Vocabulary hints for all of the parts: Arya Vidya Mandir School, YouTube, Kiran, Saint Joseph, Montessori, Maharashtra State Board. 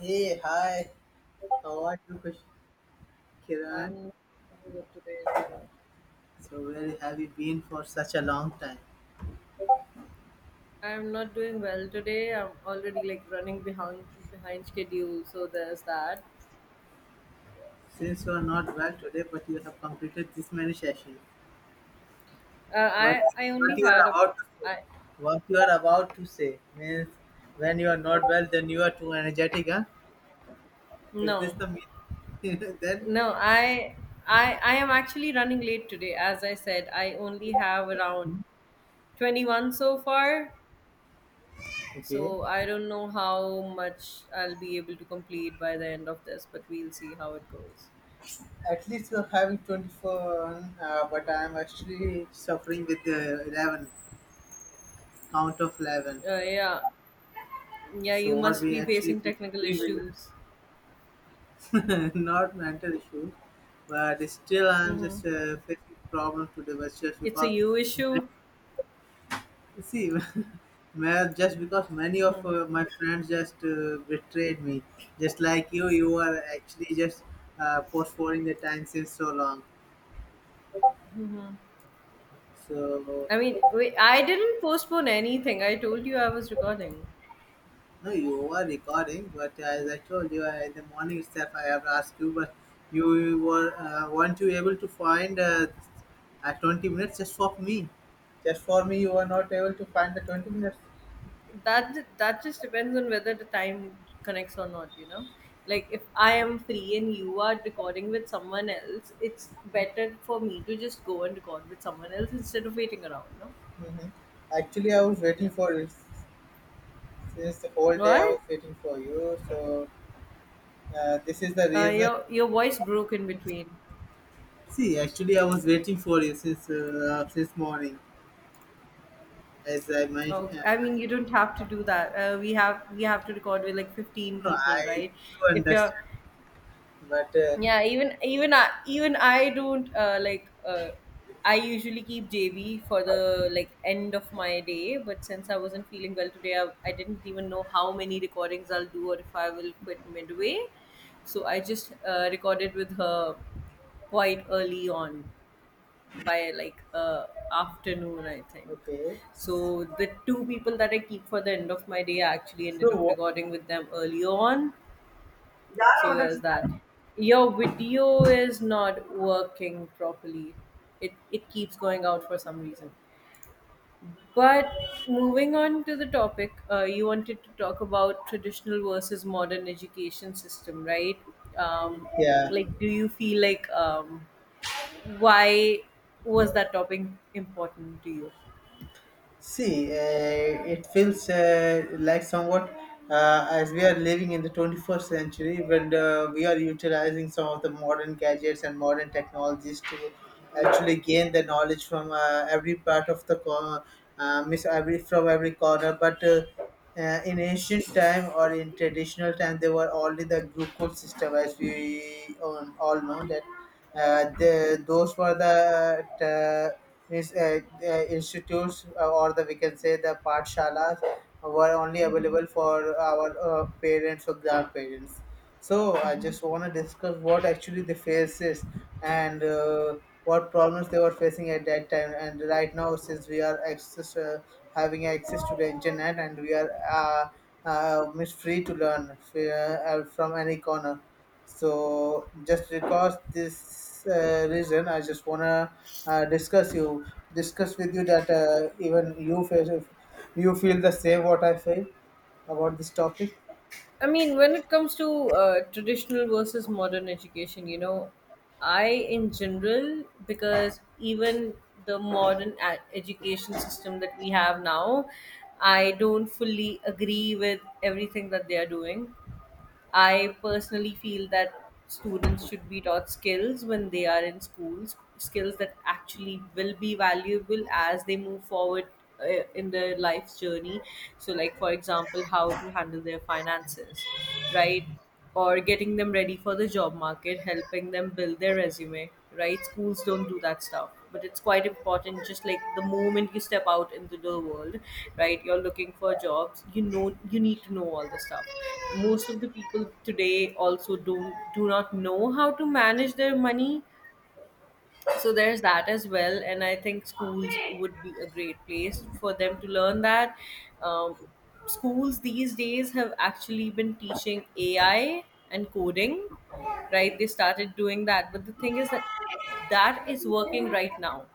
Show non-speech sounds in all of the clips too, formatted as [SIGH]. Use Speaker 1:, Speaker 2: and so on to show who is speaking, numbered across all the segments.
Speaker 1: Hey, hi. How are you, Kiran?
Speaker 2: I'm good today, so
Speaker 1: So, where have you been for such a long time?
Speaker 2: I'm not doing well today. I'm already like running behind schedule, so there's that.
Speaker 1: Since you are not well today, but you have completed this many sessions.
Speaker 2: Uh,
Speaker 1: What
Speaker 2: I I
Speaker 1: what
Speaker 2: only
Speaker 1: you
Speaker 2: had
Speaker 1: are
Speaker 2: a
Speaker 1: about to say?
Speaker 2: I
Speaker 1: What you are about to say means when you are not well, then you are too energetic, huh? Is this
Speaker 2: no
Speaker 1: the meaning? [LAUGHS] then
Speaker 2: no I I am actually running late today. As I said, I only have around 21 so far.
Speaker 1: okay.
Speaker 2: So I don't know how much I'll be able to complete by the end of this, but we'll see how it goes.
Speaker 1: At least you are having 24, but I am actually suffering with the 11 count of 11.
Speaker 2: Yeah, yeah.
Speaker 1: So
Speaker 2: You
Speaker 1: what
Speaker 2: must
Speaker 1: we
Speaker 2: be
Speaker 1: actually
Speaker 2: facing technical
Speaker 1: do,
Speaker 2: issues.
Speaker 1: [LAUGHS] not mental issues, but still I'm just
Speaker 2: Mm-hmm.
Speaker 1: facing problems today. But just
Speaker 2: It's a
Speaker 1: because,
Speaker 2: you issue.
Speaker 1: see, [LAUGHS] just because many of my friends just betrayed me, just like you are actually just postponing the time since so long. So
Speaker 2: Wait, I didn't postpone anything. I told you I was recording.
Speaker 1: no, you were recording, but as I told you in the morning itself, I have asked you, but you were weren't you able to find at 20 minutes just for me? Just for me, you were not able to find the 20 minutes.
Speaker 2: That just depends on whether the time connects or not, you know? Like if I am free and you are recording with someone else, it's better for me to just go and record with someone else instead of waiting around, no?
Speaker 1: Hmm. Actually, I was
Speaker 2: Yeah.
Speaker 1: waiting for it since the whole day. I
Speaker 2: Why?
Speaker 1: was waiting for you, so this is the
Speaker 2: Uh,
Speaker 1: reason.
Speaker 2: your your voice broke in between.
Speaker 1: See, actually, I was waiting for you since morning, as I
Speaker 2: Oh,
Speaker 1: mentioned.
Speaker 2: I mean, you don't have to do that. We have to record with like 15
Speaker 1: No,
Speaker 2: people,
Speaker 1: I
Speaker 2: right?
Speaker 1: do
Speaker 2: If you're
Speaker 1: understand, but
Speaker 2: Yeah, even I don't I usually keep JB for the like end of my day, but since I wasn't feeling well today, I didn't even know how many recordings I'll do or if I will quit midway. So I just recorded with her quite early on by afternoon, I think.
Speaker 1: okay.
Speaker 2: So the two people that I keep for the end of my day, I actually
Speaker 1: So
Speaker 2: ended up
Speaker 1: what?
Speaker 2: recording with them early on so there's that. Your video is not working properly. It keeps going out for some reason. But moving on to the topic, you wanted to talk about traditional versus modern education system, right? Um,
Speaker 1: Yeah,
Speaker 2: like, do you feel like why was that topic important to you?
Speaker 1: see, it feels like somewhat as we are living in the 21st century when we are utilizing some of the modern gadgets and modern technologies to actually gain the knowledge from every part of the corner, miss every from every corner. But In ancient time or in traditional time, they were only the group code system, as we all know that. Those were the the institutes, or the we can say the patshalas, were only available for our parents or grandparents. So I
Speaker 2: Hmm.
Speaker 1: just want to discuss what actually the face is and what problems they were facing at that time. And right now, since we are having access to the internet and we are free to learn from any corner. So just because this reason, I just wanna uh, discuss you discuss with you that even you feel the same what I feel about this topic.
Speaker 2: I mean, when it comes to traditional versus modern education, you know, I in general, because even the modern education system that we have now, I don't fully agree with everything that they are doing. I personally feel that students should be taught skills when they are in schools, skills that actually will be valuable as they move forward in their life's journey. So, like for example, how to handle their finances, right? Or getting them ready for the job market, helping them build their resume, right? Schools don't do that stuff, but it's quite important. Just like the moment you step out into the world, right? You're looking for jobs. You know, you need to know all this stuff. Most of the people today also don't do not know how to manage their money, so there's that as well. And I think schools would be a great place for them to learn that. Um, schools these days have actually been teaching AI and coding, right? They started doing that, but the thing is that that is working right now,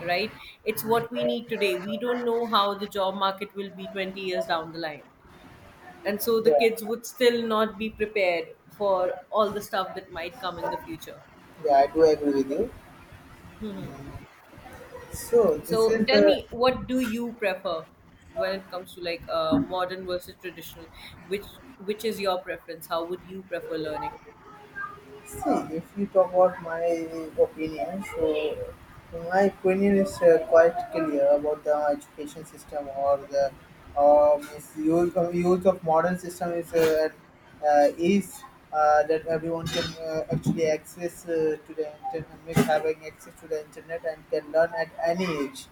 Speaker 2: right? It's what we need today. We don't know how the job market will be 20 years down the line, and so the kids
Speaker 1: Yeah,
Speaker 2: would still not be prepared for all the stuff that might come in the future.
Speaker 1: yeah, I do agree with you. So this
Speaker 2: So
Speaker 1: is
Speaker 2: tell
Speaker 1: the
Speaker 2: me, what do you prefer when it comes to modern versus traditional? Which which is your preference? How would you prefer learning?
Speaker 1: see, if you talk about my opinion, so my opinion is quite clear about the education system or the um, use of modern system is at ease that everyone can actually access to the internet, having access to the internet and can learn at any age.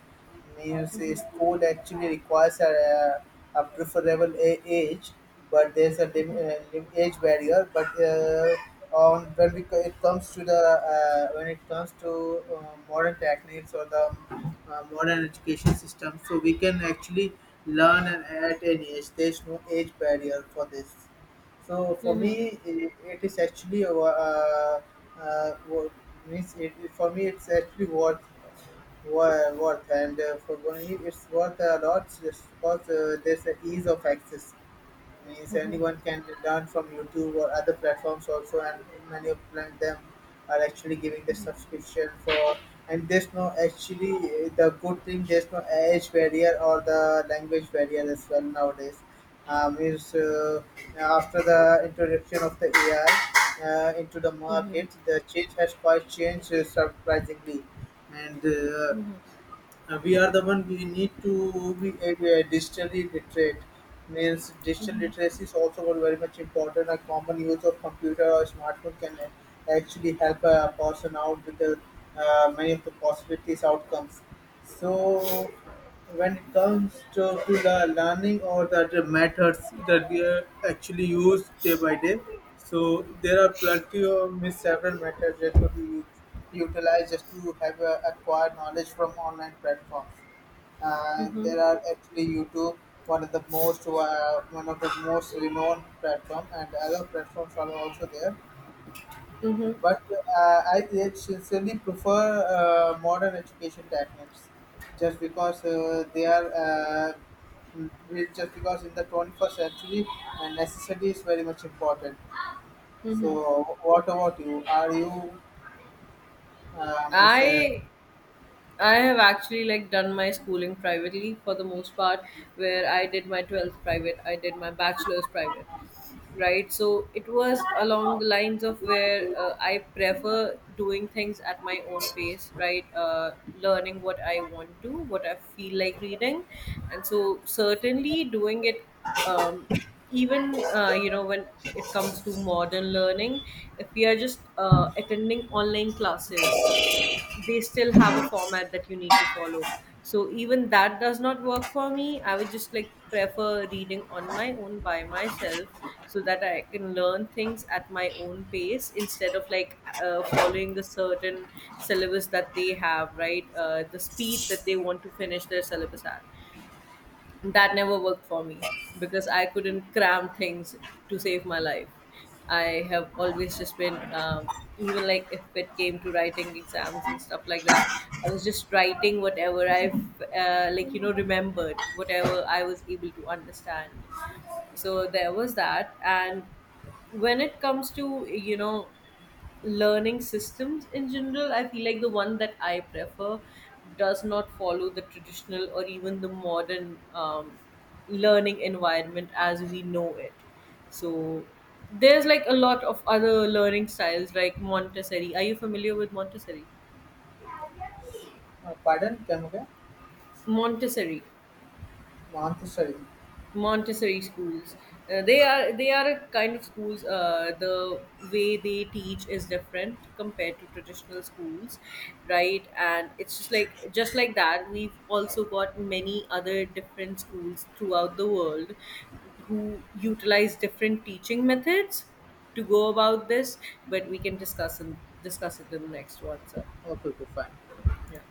Speaker 1: Neo
Speaker 2: Mm-hmm.
Speaker 1: says code actually requires a preferable age, but there's a
Speaker 2: Mm-hmm.
Speaker 1: age barrier. But On it comes to the when it comes to modern techniques or the modern education system, so we can actually learn and at any age. There's no age barrier for this. So for
Speaker 2: Mm-hmm.
Speaker 1: me, it is actually uh, wo- means for me it's actually worth and for Bonnie it's worth a lot just because there's the ease of access means anyone can learn from YouTube or other platforms also and many of them are actually giving the subscription for and there's no actually the good thing there's no age barrier or the language barrier as well nowadays is after the introduction of the AI into the market the change has quite changed surprisingly and we are the one we need to be digitally literate. Means digital literacy is also one very much important. A common use of computer or smartphone can actually help a person out with many of the possibilities outcomes. So when it comes to the learning or the methods that we actually use day by day, so there are plenty of means several methods that could be used utilizers to have acquired knowledge from online platforms. And there
Speaker 2: Mm-hmm.
Speaker 1: are actually YouTube, one of the most renowned platform, and other platforms are also there.
Speaker 2: Mm-hmm.
Speaker 1: But I really sincerely prefer modern education techniques, just because they are. Mm, just because in the 21st century necessity is very much important.
Speaker 2: Mm-hmm.
Speaker 1: So what about you? Are you uh, miss, uh,
Speaker 2: I I have actually like done my schooling privately for the most part, where I did my 12th private, I did my bachelor's private, right? So it was along the lines of where I prefer doing things at my own pace, right? Learning what I want to, what I feel like reading, and so certainly doing it, um, even you know, when it comes to modern learning, if we are just attending online classes, they still have a format that you need to follow. So even that does not work for me. I would just like prefer reading on my own by myself so that I can learn things at my own pace instead of following the certain syllabus that they have, right? The speed that they want to finish their syllabus at, that never worked for me because I couldn't cram things to save my life. I have always just been, even like if it came to writing exams and stuff like that, I was just writing whatever I've, like, you know, remembered, whatever I was able to understand. So there was that. And when it comes to, you know, learning systems in general, I feel like the one that I prefer does not follow the traditional or even the modern learning environment as we know it. So there's like a lot of other learning styles like Montessori. Are you familiar with montessori
Speaker 1: uh, pardon, come again?
Speaker 2: montessori
Speaker 1: Montessori.
Speaker 2: Montessori schools. They are a kind of schools. The way they teach is different compared to traditional schools, right? And it's just like that. We've also got many other different schools throughout the world who utilize different teaching methods to go about this. But we can discuss it in the next one. So
Speaker 1: Okay, okay, fine.
Speaker 2: yeah.